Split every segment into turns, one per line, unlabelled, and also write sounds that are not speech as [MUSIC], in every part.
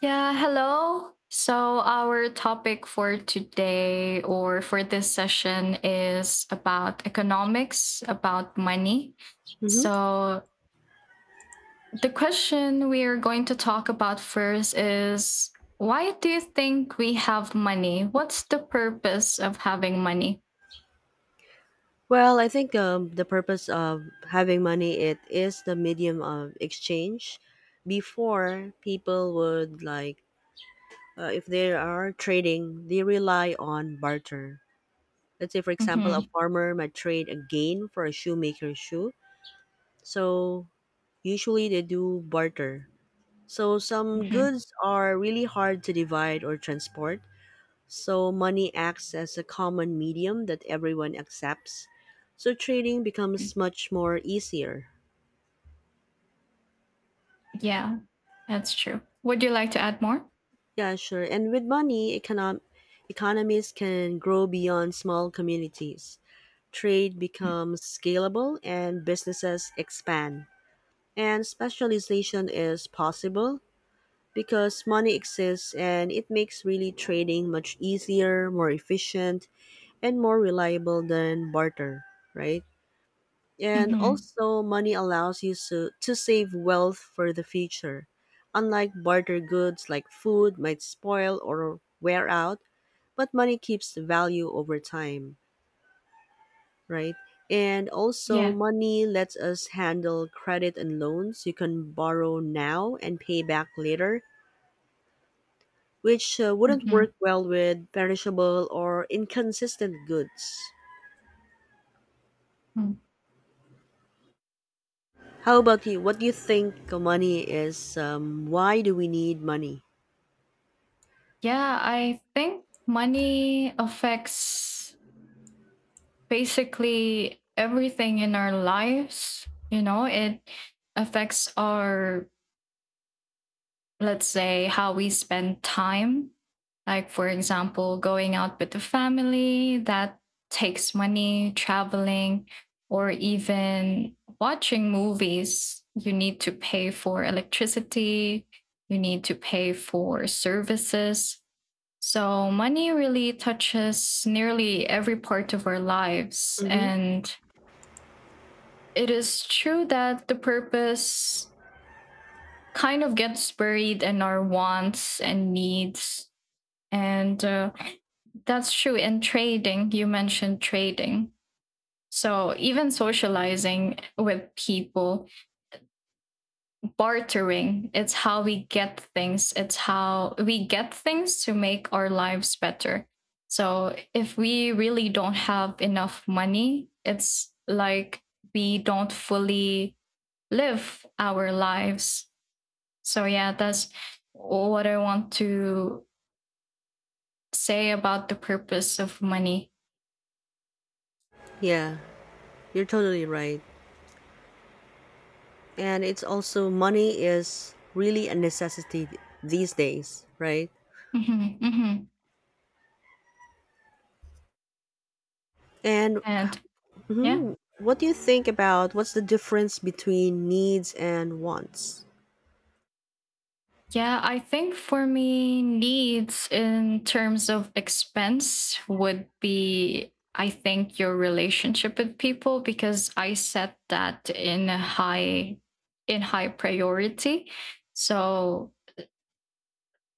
Yeah, hello. So, our topic for today or for this session is about economics, about money.
hmm
So, the question we are going to talk about first is why do you think we have money? What's the purpose of having money?
Well, I think the purpose of having money it is the medium of exchange. Before people would like if they are trading, they rely on barter. Let's say, for example, a
Hmm
farmer might trade a gain for a shoemaker's shoe. So usually they do barter. So some
hmm
goods are really hard to divide or transport. So money acts as a common medium that everyone accepts. So trading becomes much more easier.
Yeah, that's true. Would you like to add more?
Yeah, sure. And with money, economies can grow beyond small communities. Trade becomes scalable and businesses expand. And specialization is possible because money exists and it makes really trading much easier, more efficient, and more reliable than barter, right? And
Hmm
also, money allows you so, to save wealth for the future. Unlike barter goods like food might spoil or wear out, but money keeps the value over time, right? And also,
Yeah.
money lets us handle credit and loans. You can borrow now and pay back later, which wouldn't
Mm-hmm.
work well with perishable or inconsistent goods.
Mm-hmm.
How about you? What do you think money is? Why do we need money?
Yeah, I think money affects basically everything in our lives. You know, it affects our, let's say, how we spend time. Like, for example, going out with the family, that takes money, traveling, or even watching movies. You need to pay for electricity, you need to pay for services, so money really touches nearly every part of our lives.
hmm
And it is true that the purpose kind of gets buried in our wants and needs. And that's true in trading. You mentioned trading. So, even socializing with people bartering. It's how we get things. It's how we get things to make our lives better. So if we really don't have enough money, it's like we don't fully live our lives. So yeah, that's what I want to say about the purpose of money.
Yeah, you're totally right. And it's also money is really a necessity these days, right?
Mm-hmm, mm-hmm.
And
And yeah.
mhm, what do you think about what's the difference between needs and wants?
Yeah, I think for me, needs in terms of expense would be, I think, your relationship with people because I set that in a high priority. So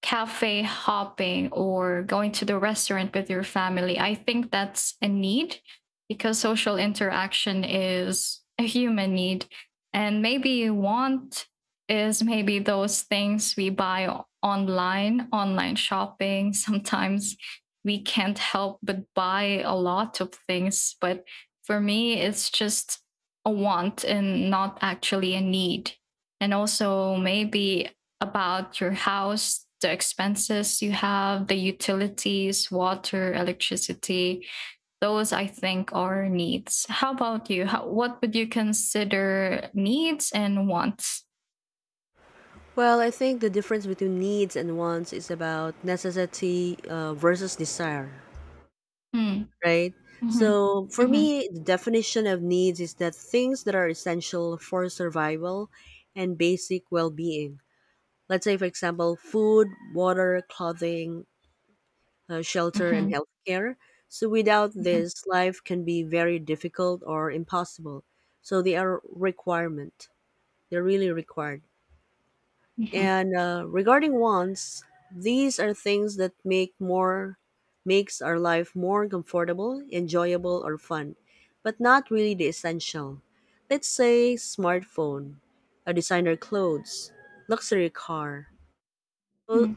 cafe hopping or going to the restaurant with your family. I think that's a need because social interaction is a human need. And maybe want is maybe those things we buy online, online shopping. [LAUGHS] Sometimes we can't help but buy a lot of things. But for me, it's just a want and not actually a need. And also, maybe about your house, the expenses you have, the utilities, water, electricity. Those I think are needs. How about you? How, what would you consider needs and wants?
Well, I think the difference between needs and wants is about necessity versus desire,
Mm,
right?
mhm,
So, for
mhm,
me, the definition of needs is that things that are essential for survival and basic well being. Let's say, for example, food, water, clothing, shelter and
mhm,
healthcare. So without
mhm,
this life can be very difficult or impossible, so they are requirement, they're really required.
mhm,
And regarding wants, these are things that makes our life more comfortable, enjoyable or fun, but not really the essential. Let's say smartphone, a designer clothes, luxury car. So
mm.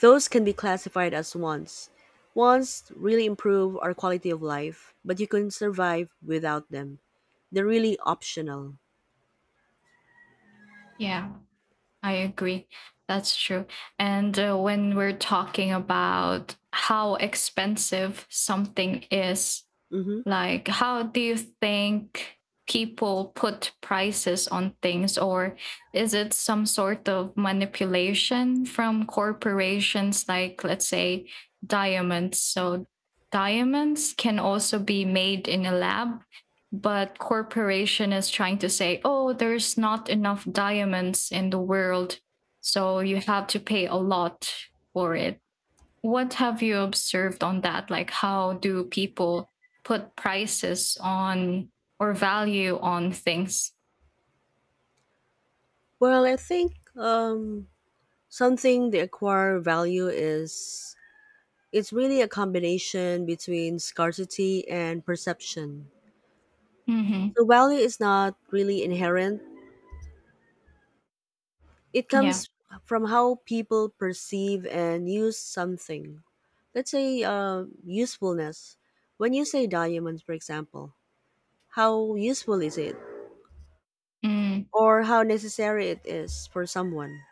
those can be classified as wants. Wants really improve our quality of life, but you can survive without them. They're really optional.
Yeah, I agree. That's true. And when we're talking about how expensive something is,
hmm
like, how do you think people put prices on things, or is it some sort of manipulation from corporations, like, let's say, diamonds? So, diamonds can also be made in a lab, but corporation is trying to say, oh, there's not enough diamonds in the world, so you have to pay a lot for it. What have you observed on that? Like, how do people put prices on or value on things?
Well, I think something they acquire value is it's really a combination between scarcity and perception.
Hmm
So value is not really inherent. It
Yeah.
comes from how people perceive and use something. Let's say usefulness. When you say diamonds, for example, how useful is it
Mm.
or how necessary it is for someone,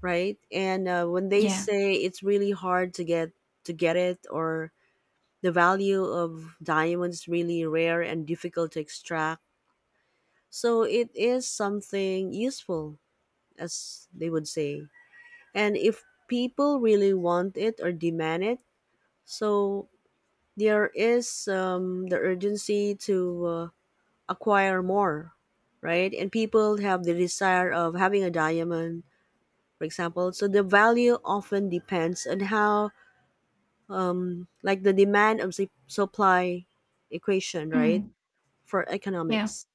right? And when they
Yeah.
say it's really hard to get, to get it or the value of diamonds is really rare and difficult to extract. So it is something useful, as they would say, and if people really want it or demand it, so there is the urgency to acquire more, right? And people have the desire of having a diamond, for example, so the value often depends on how, like, the demand of the supply equation, right?
Mm.
For
Yeah.
economics.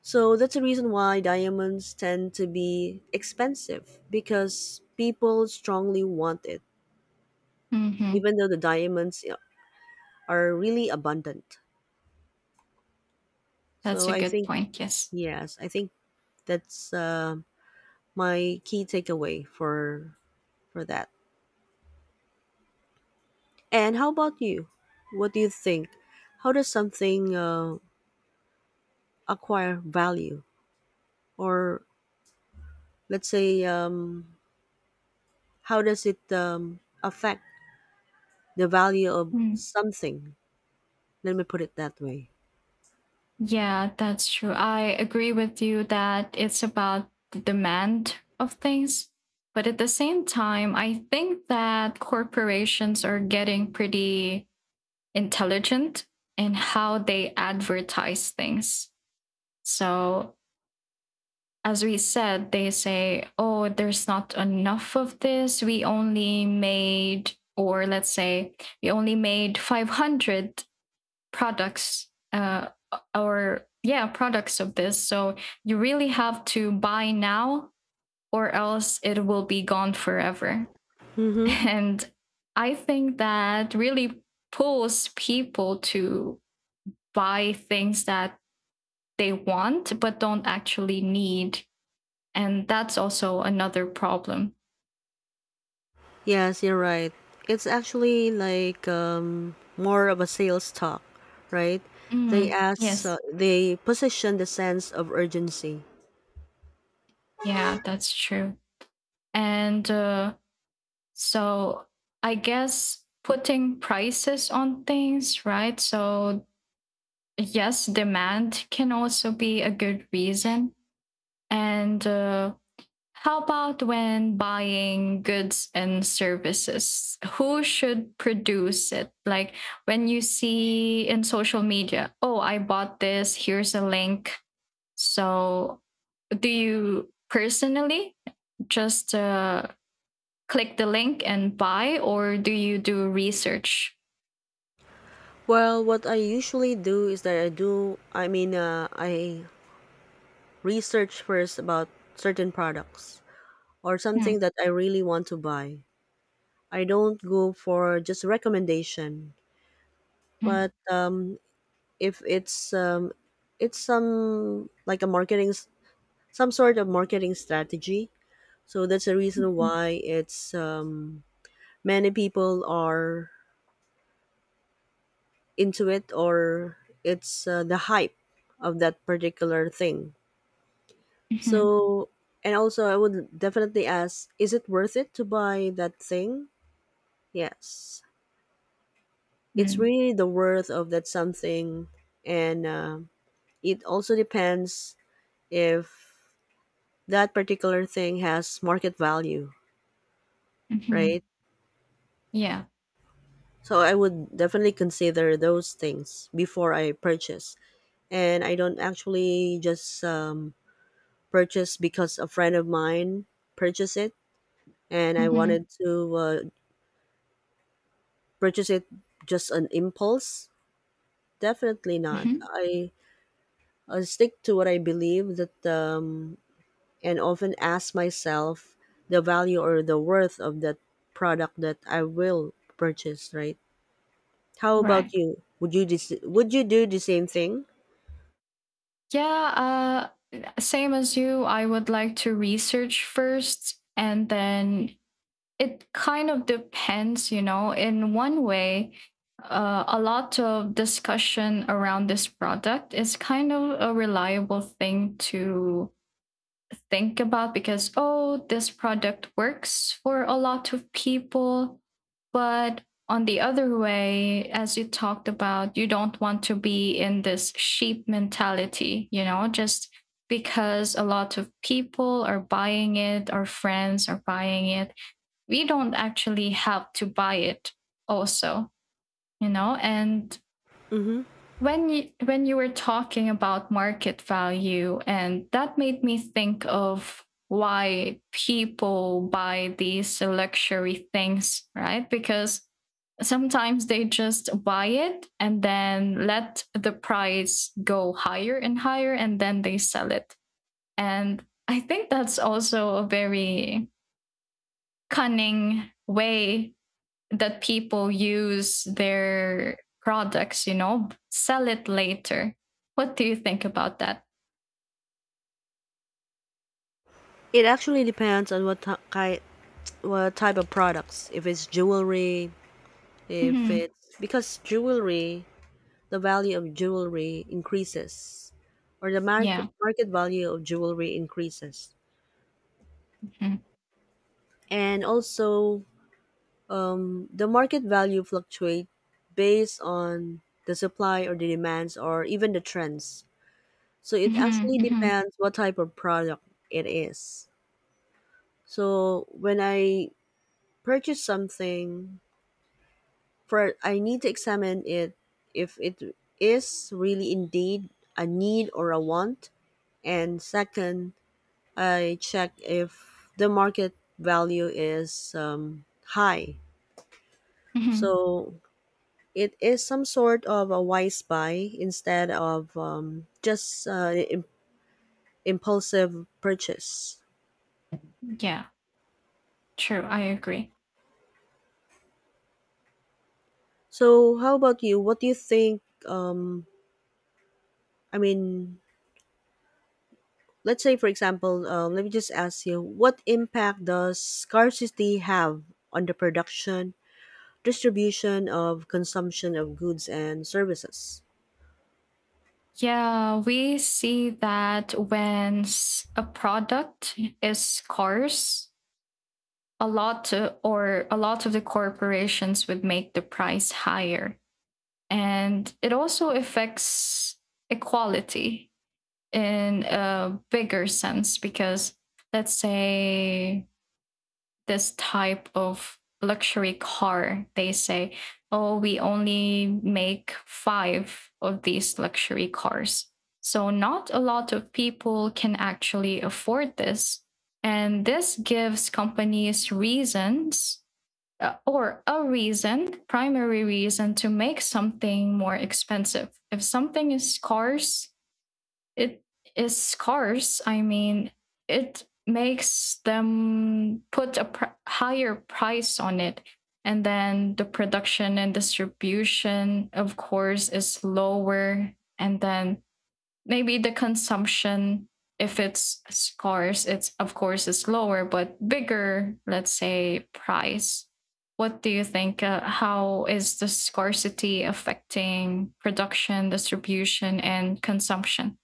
So that's the reason why diamonds tend to be expensive because people strongly want it,
hmm
even though the diamonds, you know, are really abundant.
That's
So
a
I
good
think,
point. Yes.
yes, I think that's my key takeaway for that. And how about you? What do you think? How does something acquire value, or let's say, how does it affect the value of
Mm.
something? Let me put it that way.
Yeah, that's true. I agree with you that it's about the demand of things. But at the same time, I think that corporations are getting pretty intelligent in how they advertise things. So, as we said, they say, oh, there's not enough of this. We only made, or let's say, we only made 500 products, or yeah, products of this. So, you really have to buy now, or else it will be gone forever. [LAUGHS]
Mm-hmm.
And I think that really pulls people to buy things that they want but don't actually need. And that's also another problem.
Yes, you're right. It's actually like more of a sales talk, right? They
Mm,
ask,
yes.
they position the sense of urgency.
Yeah, that's true. And so I guess putting prices on things, right? So, yes, demand can also be a good reason. And how about when buying goods and services? Who should produce it? Like when you see in social media, oh, I bought this, here's a link. So do you personally just click the link and buy, or do you do research?
Well, what I usually do is that I do, I mean, I research first about certain products or something that I really want to buy. I don't go for just recommendation,
Mm-hmm.
but if it's it's some like a marketing, some sort of marketing strategy. So that's the reason
Mm-hmm.
why it's many people are into it, or it's the hype of that particular thing. So and also I would definitely ask, is it worth it to buy that thing? Yes. It's
Mm-hmm.
really the worth of that something, and it also depends if that particular thing has market value,
Mm-hmm.
right?
Yeah.
So I would definitely consider those things before I purchase. And I don't actually just purchase because a friend of mine purchased it, and I
Mm-hmm.
wanted to purchase it just on impulse. Definitely not.
Mm-hmm.
I stick to what I believe that, and often ask myself the value or the worth of that product that I will purchase. Right? How
Right.
about you? Would you do the same thing?
Yeah. Same as you, I would like to research first, and then it kind of depends, you know, in one way. A lot of discussion around this product is kind of a reliable thing to think about because, oh, this product works for a lot of people. But on the other way, as you talked about, you don't want to be in this sheep mentality, you know, just because a lot of people are buying it, our friends are buying it. We don't actually have to buy it, also, you know. And
Mm-hmm.
when you were talking about market value, and that made me think of why people buy these luxury things, right? Because sometimes they just buy it and then let the price go higher and higher and then they sell it, and I think that's also a very cunning way that people use their products, you know, sell it later. What do you think about that?
It actually depends on what what type of products. If it's jewelry, if
Mm-hmm.
it's because jewelry, the value of jewelry increases, or the market
Yeah.
market value of jewelry increases.
Mm-hmm.
And also, the market value fluctuate based on the supply or the demands or even the trends. So it actually
Mm-hmm. Mm-hmm.
depends what type of product it is. So when I purchase something, for I need to examine it if it is really indeed a need or a want. And second, I check if the market value is high.
Mm-hmm.
So it is some sort of a wise buy instead of impulsive purchase.
Yeah. True. I agree.
So how about you? What do you think? I mean, let's say for example let me just ask you, what impact does scarcity have on the production distribution of consumption of goods and services?
Yeah, we see that when a product is scarce, a lot of the corporations would make the price higher. And it also affects equality in a bigger sense because let's say this type of luxury car, they say, oh, we only make 5 of these luxury cars, so not a lot of people can actually afford this. And this gives companies reasons or a reason, primary reason, to make something more expensive. If something is scarce, it is scarce. I mean, it makes them put a higher price on it. And then the production and distribution, of course, is lower. And then maybe the consumption, if it's scarce, it's of course is lower, but bigger, let's say, price. What do you think? How is the scarcity affecting production, distribution, and consumption?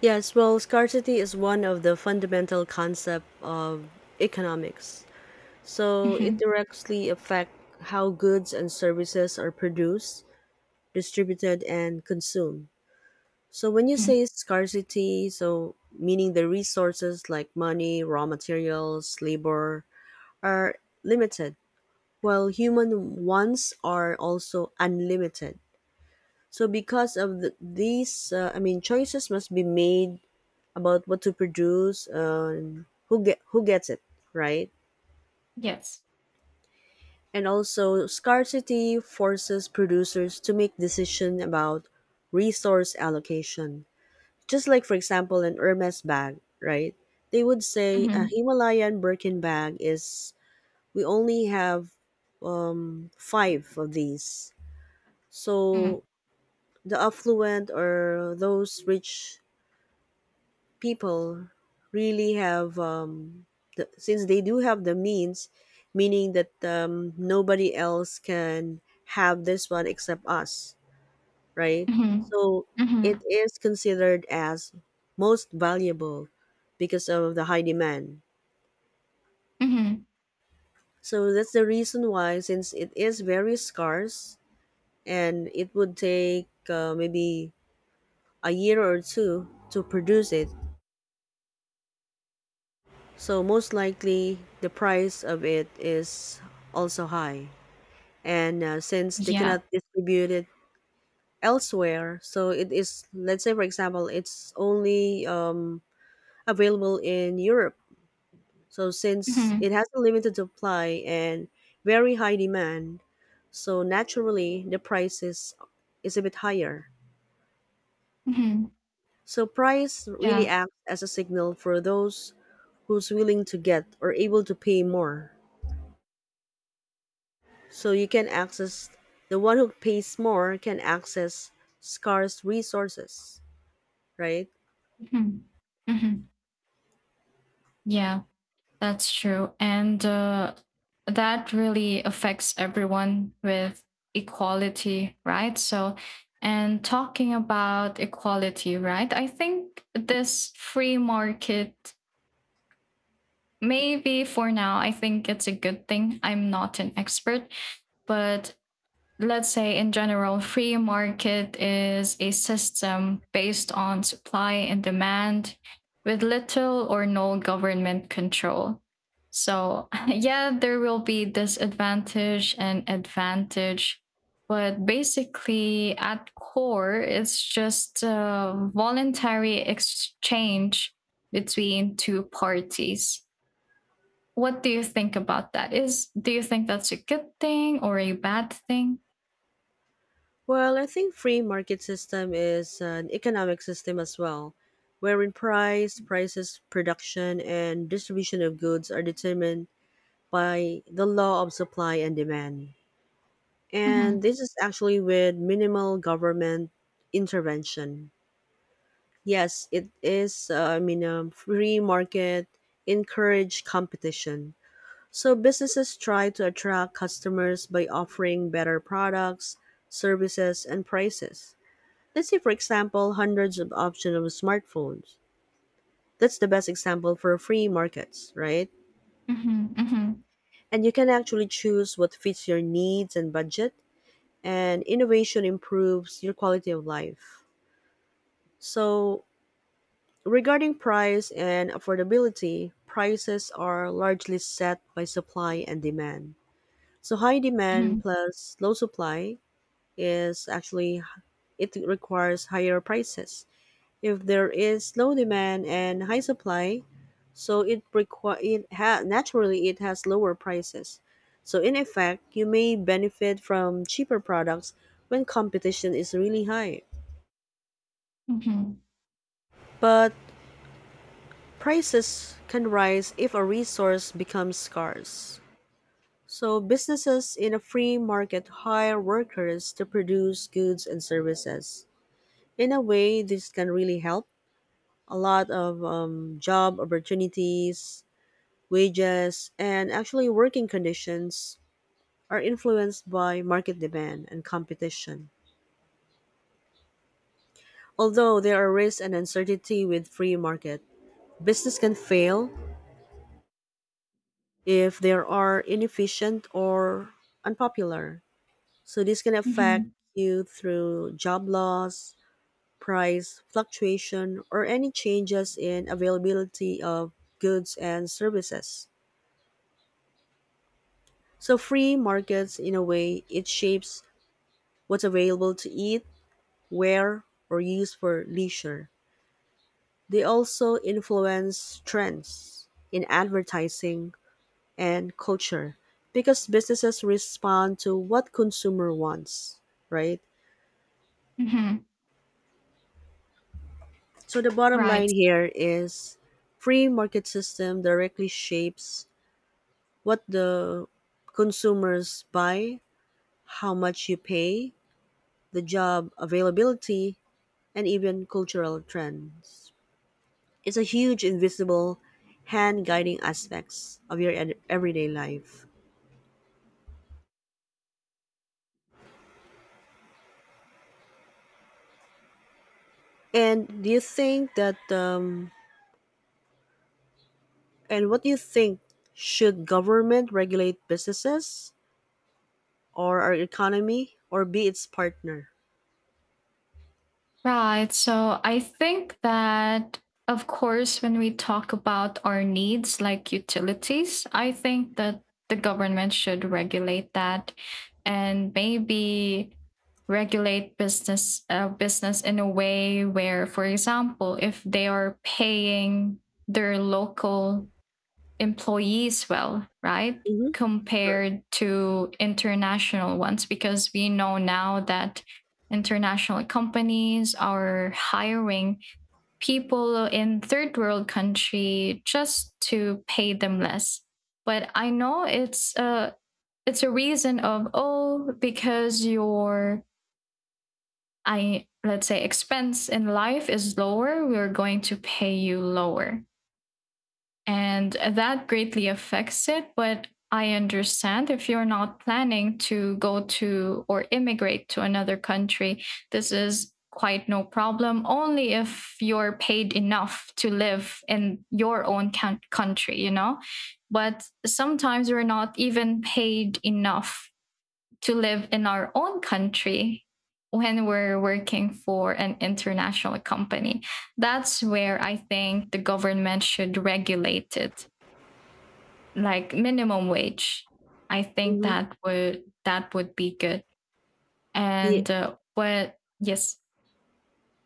Yes, well, scarcity is one of the fundamental concept of economics, so it
Mm-hmm.
directly affect how goods and services are produced, distributed and consumed. So when you
Mm,
say scarcity, so meaning the resources like money, raw materials, labor are limited, while human wants are also unlimited. So because of these, choices must be made about what to produce, and who gets it, right?
yes.
And also scarcity forces producers to make decision about resource allocation. Just like, for example, an Hermes bag, right? They would say a
Mhm,
Himalayan Birkin bag is, we only have five of these.
mhm,
So the affluent or those rich people really have, since they do have the means, meaning that nobody else can have this one except us, right?
mhm,
So it
mhm,
is considered as most valuable because of the high demand.
mhm.
So that's the reason why, since it is very scarce and it would take maybe a year or two to produce it, so most likely the price of it is also high. And since they
Yeah.
cannot distribute it elsewhere, so it is, let's say for example, it's only available in Europe. So since
Mhm,
it has a limited supply and very high demand, so naturally the price is a bit higher.
mhm.
So price really
Yeah.
acts as a signal for those who's willing to get or able to pay more. So you can access, the one who pays more can access scarce resources, right?
Mhm, mhm. Yeah, that's true. And that really affects everyone with equality, right? So, and talking about equality, right? I think this free market, maybe for now, I think it's a good thing. I'm not an expert, but let's say in general, free market is a system based on supply and demand with little or no government control. So [LAUGHS] yeah, there will be disadvantage and advantage, but basically at core it's just a voluntary exchange between two parties. What do you think about that? Is, do you think that's a good thing or a bad thing?
Well, I think free market system is an economic system as well, wherein prices, production, and distribution of goods are determined by the law of supply and demand.
Mm-hmm.
And this is actually with minimal government intervention. Yes, it is. Free market encourage competition. So businesses try to attract customers by offering better products, services, and prices. Let's say, for example, hundreds of options of smartphones. That's the best example for free markets, right?
Mhm, mhm,
And you can actually choose what fits your needs and budget, and innovation improves your quality of life. So, regarding price and affordability, prices are largely set by supply and demand. So, high demand
mhm,
plus low supply is actually, it requires higher prices. If there is low demand and high supply, so it require it ha- naturally it has lower prices. So in effect, you may benefit from cheaper products when competition is really high.
mhm,
But prices can rise if a resource becomes scarce. So businesses in a free market hire workers to produce goods and services. In a way, this can really help a lot of job opportunities, wages, and actually working conditions are influenced by market demand and competition. Although there are risks and uncertainty with free market, business can fail if there are inefficient or unpopular. So this can affect
mhm,
you through job loss, price fluctuation, or any changes in availability of goods and services. So free markets, in a way, it shapes what's available to eat, wear, or use for leisure. They also influence trends in advertising and culture because businesses respond to what consumer wants, right?
mhm.
So the bottom
Right,
line here is free market system directly shapes what the consumers buy, how much you pay, the job availability, and even cultural trends. It's a huge invisible hand guiding aspects of your everyday life. And do you think that and what do you think, should government regulate businesses or our economy or be its partner?
right. So I think that, of course, when we talk about our needs like utilities, I think that the government should regulate that, and maybe regulate business in a way where, for example, if they are paying their local employees well, right?
Mm-hmm. Correct.
Compared to international ones, because we know now that international companies are hiring people in third world country just to pay them less. But I know it's a reason of, oh, because your, I let's say, expense in life is lower, we're going to pay you lower, and that greatly affects it. But I understand if you're not planning to go to or immigrate to another country, this is quite no problem, only if you're paid enough to live in your own country, you know? But sometimes we're not even paid enough to live in our own country when we're working for an international company. That's where I think the government should regulate it, like minimum wage. I think
Mm-hmm.
that would be good.
Yeah.
And what, yes,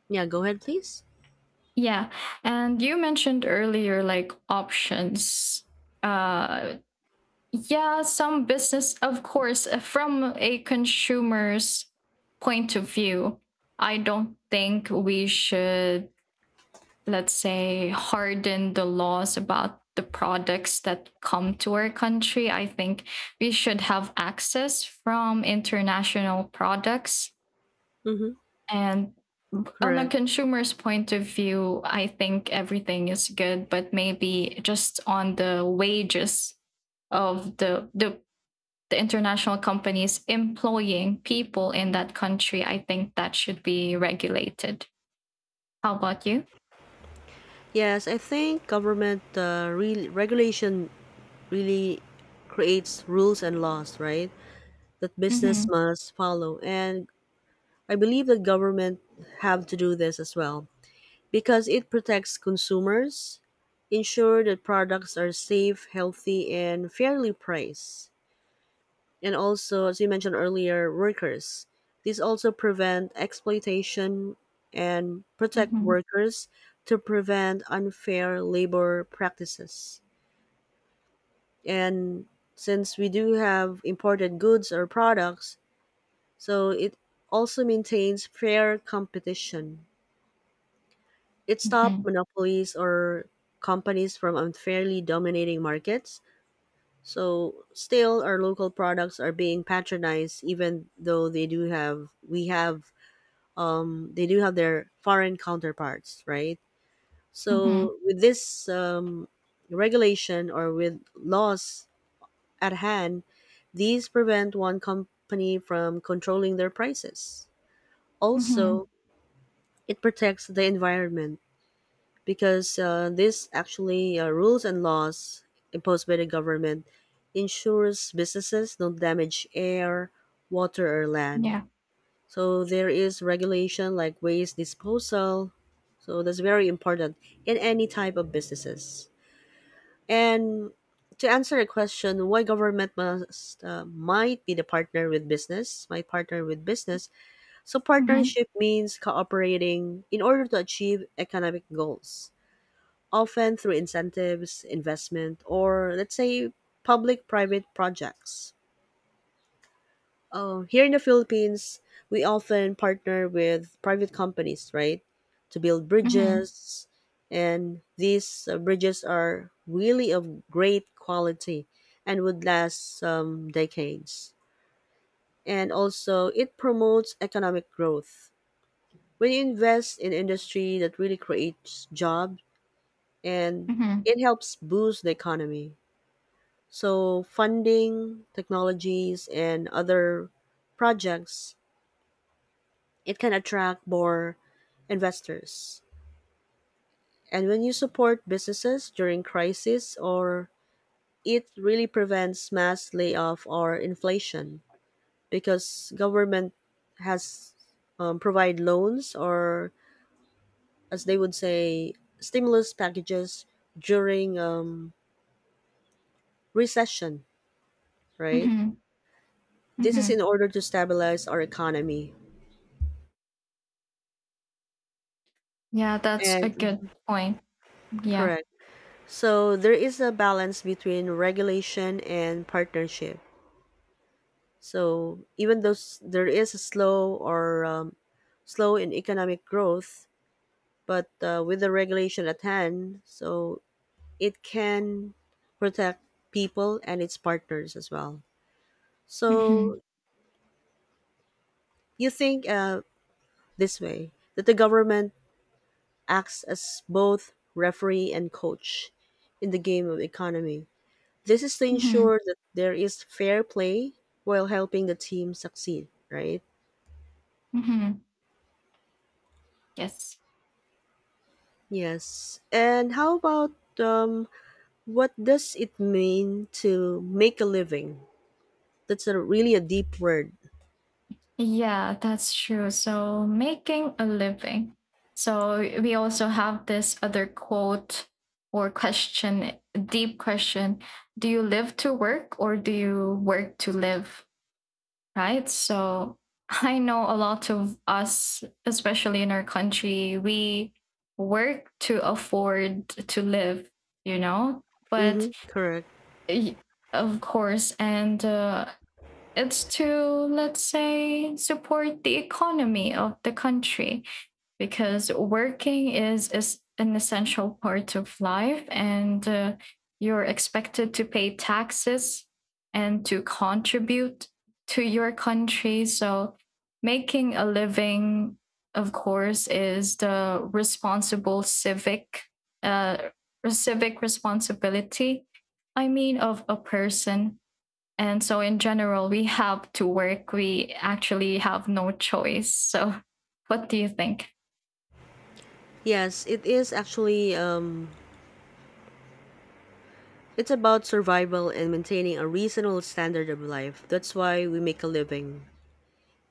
Yeah, go ahead please.
yeah. And you mentioned earlier like options, uh, yeah, some business, of course, from a consumer's point of view, I don't think we should, let's say, harden the laws about the products that come to our country. I think we should have access from international products.
Mm-hmm.
And on a
Correct.
consumer's point of view, I think everything is good, but maybe just on the wages of the international companies employing people in that country, I think that should be regulated. How about you?
Yes, I think government regulation really creates rules and laws, right? That
Mm-hmm.
business must follow. And I believe the government have to do this as well because it protects consumers, ensure that products are safe, healthy, and fairly priced. And also, as you mentioned earlier, workers. These also prevent exploitation and protect
Mm-hmm.
workers to prevent unfair labor practices. And since we do have imported goods or products, so it also maintains fair competition. It
Mm-hmm.
stopped monopolies or companies from unfairly dominating markets. So still our local products are being patronized even though they do have we have they do have their foreign counterparts, right?
Mm-hmm.
So with this regulation or with laws at hand, these prevent one company from controlling their prices.
Mm-hmm.
Also, it protects the environment because this actually rules and laws imposed by the government ensures businesses don't damage air, water, or land.
Yeah.
So there is regulation like waste disposal. So that's very important in any type of businesses. And to answer a question, why government must might be the partner with business, might partner with business, so
Mm-hmm.
partnership means cooperating in order to achieve economic goals, often through incentives, investment, or let's say public-private projects. Here in the Philippines, we often partner with private companies, right, to build
Mm-hmm.
bridges, and these bridges are really of great quality and would last some decades. And also, it promotes economic growth when you invest in industry that really creates jobs and
Mm-hmm.
it helps boost the economy. So funding, technologies and other projects, it can attract more investors. And when you support businesses during crisis or it really prevents mass layoff or inflation because government has provide loans or as they would say, stimulus packages during recession, right?
Mm-hmm.
This is in
Mm-hmm.
order to stabilize our economy.
Yeah, that's a
And
good point. Yeah.
correct. So there is a balance between regulation and partnership. So even though there is a slow or slow in economic growth, but with the regulation at hand, so it can protect people and its partners as well. So
Mm-hmm.
you think this way that the government acts as both referee and coach in the game of economy. This is to
Mm-hmm.
ensure that there is fair play while helping the team succeed, right?
Mm-hmm. Yes.
Yes. And how about um, what does it mean to make a living? That's a really a deep word.
Yeah, that's true. So making a living. So we also have this other quote or question, deep question. Do you live to work or do you work to live? Right? So [LAUGHS] I know a lot of us, especially in our country, we work to afford to live, you know? But
Mm-hmm, correct.
y- of course, and it's to, let's say, support the economy of the country because working is an essential part of life, and you're expected to pay taxes and to contribute to your country. So making a living, of course, is the responsible civic uh, civic responsibility, I mean, of a person. And so in general, we have to work. We actually have no choice. So what do you think?
Yes, it is actually it's about survival and maintaining a reasonable standard of life. That's why we make a living.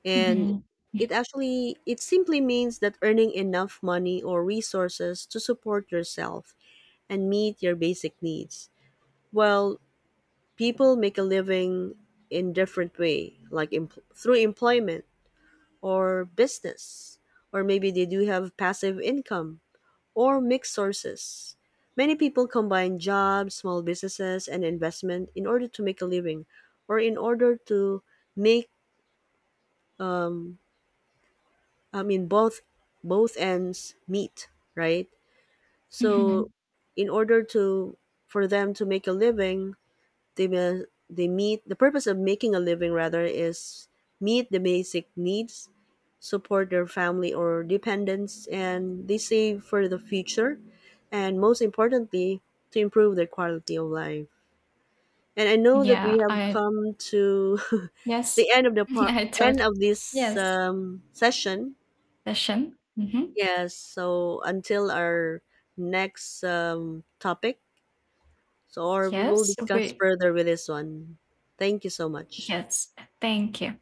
And
Hmm
it simply means that earning enough money or resources to support yourself and meet your basic needs. Well, people make a living in different way, like through employment or business, or maybe they do have passive income or mixed sources. Many people combine jobs, small businesses and investment in order to make a living, or in order to make um. I mean both, both ends meet, right? So
hmm
in order to, for them to make a living, they meet the purpose of making a living rather is meet the basic needs, support their family or dependents and they save for the future, and most importantly to improve their quality of life. And I know that we
Yeah,
have
I,
come to [LAUGHS]
yes,
the end of the
[LAUGHS]
part,
I
end
thought
of this
yes.
um, session.
Session. Hmm
Yes, so until our next topic, so or we will
Yes,
discuss
we,
further with this one. Thank you so much.
yes. Thank you.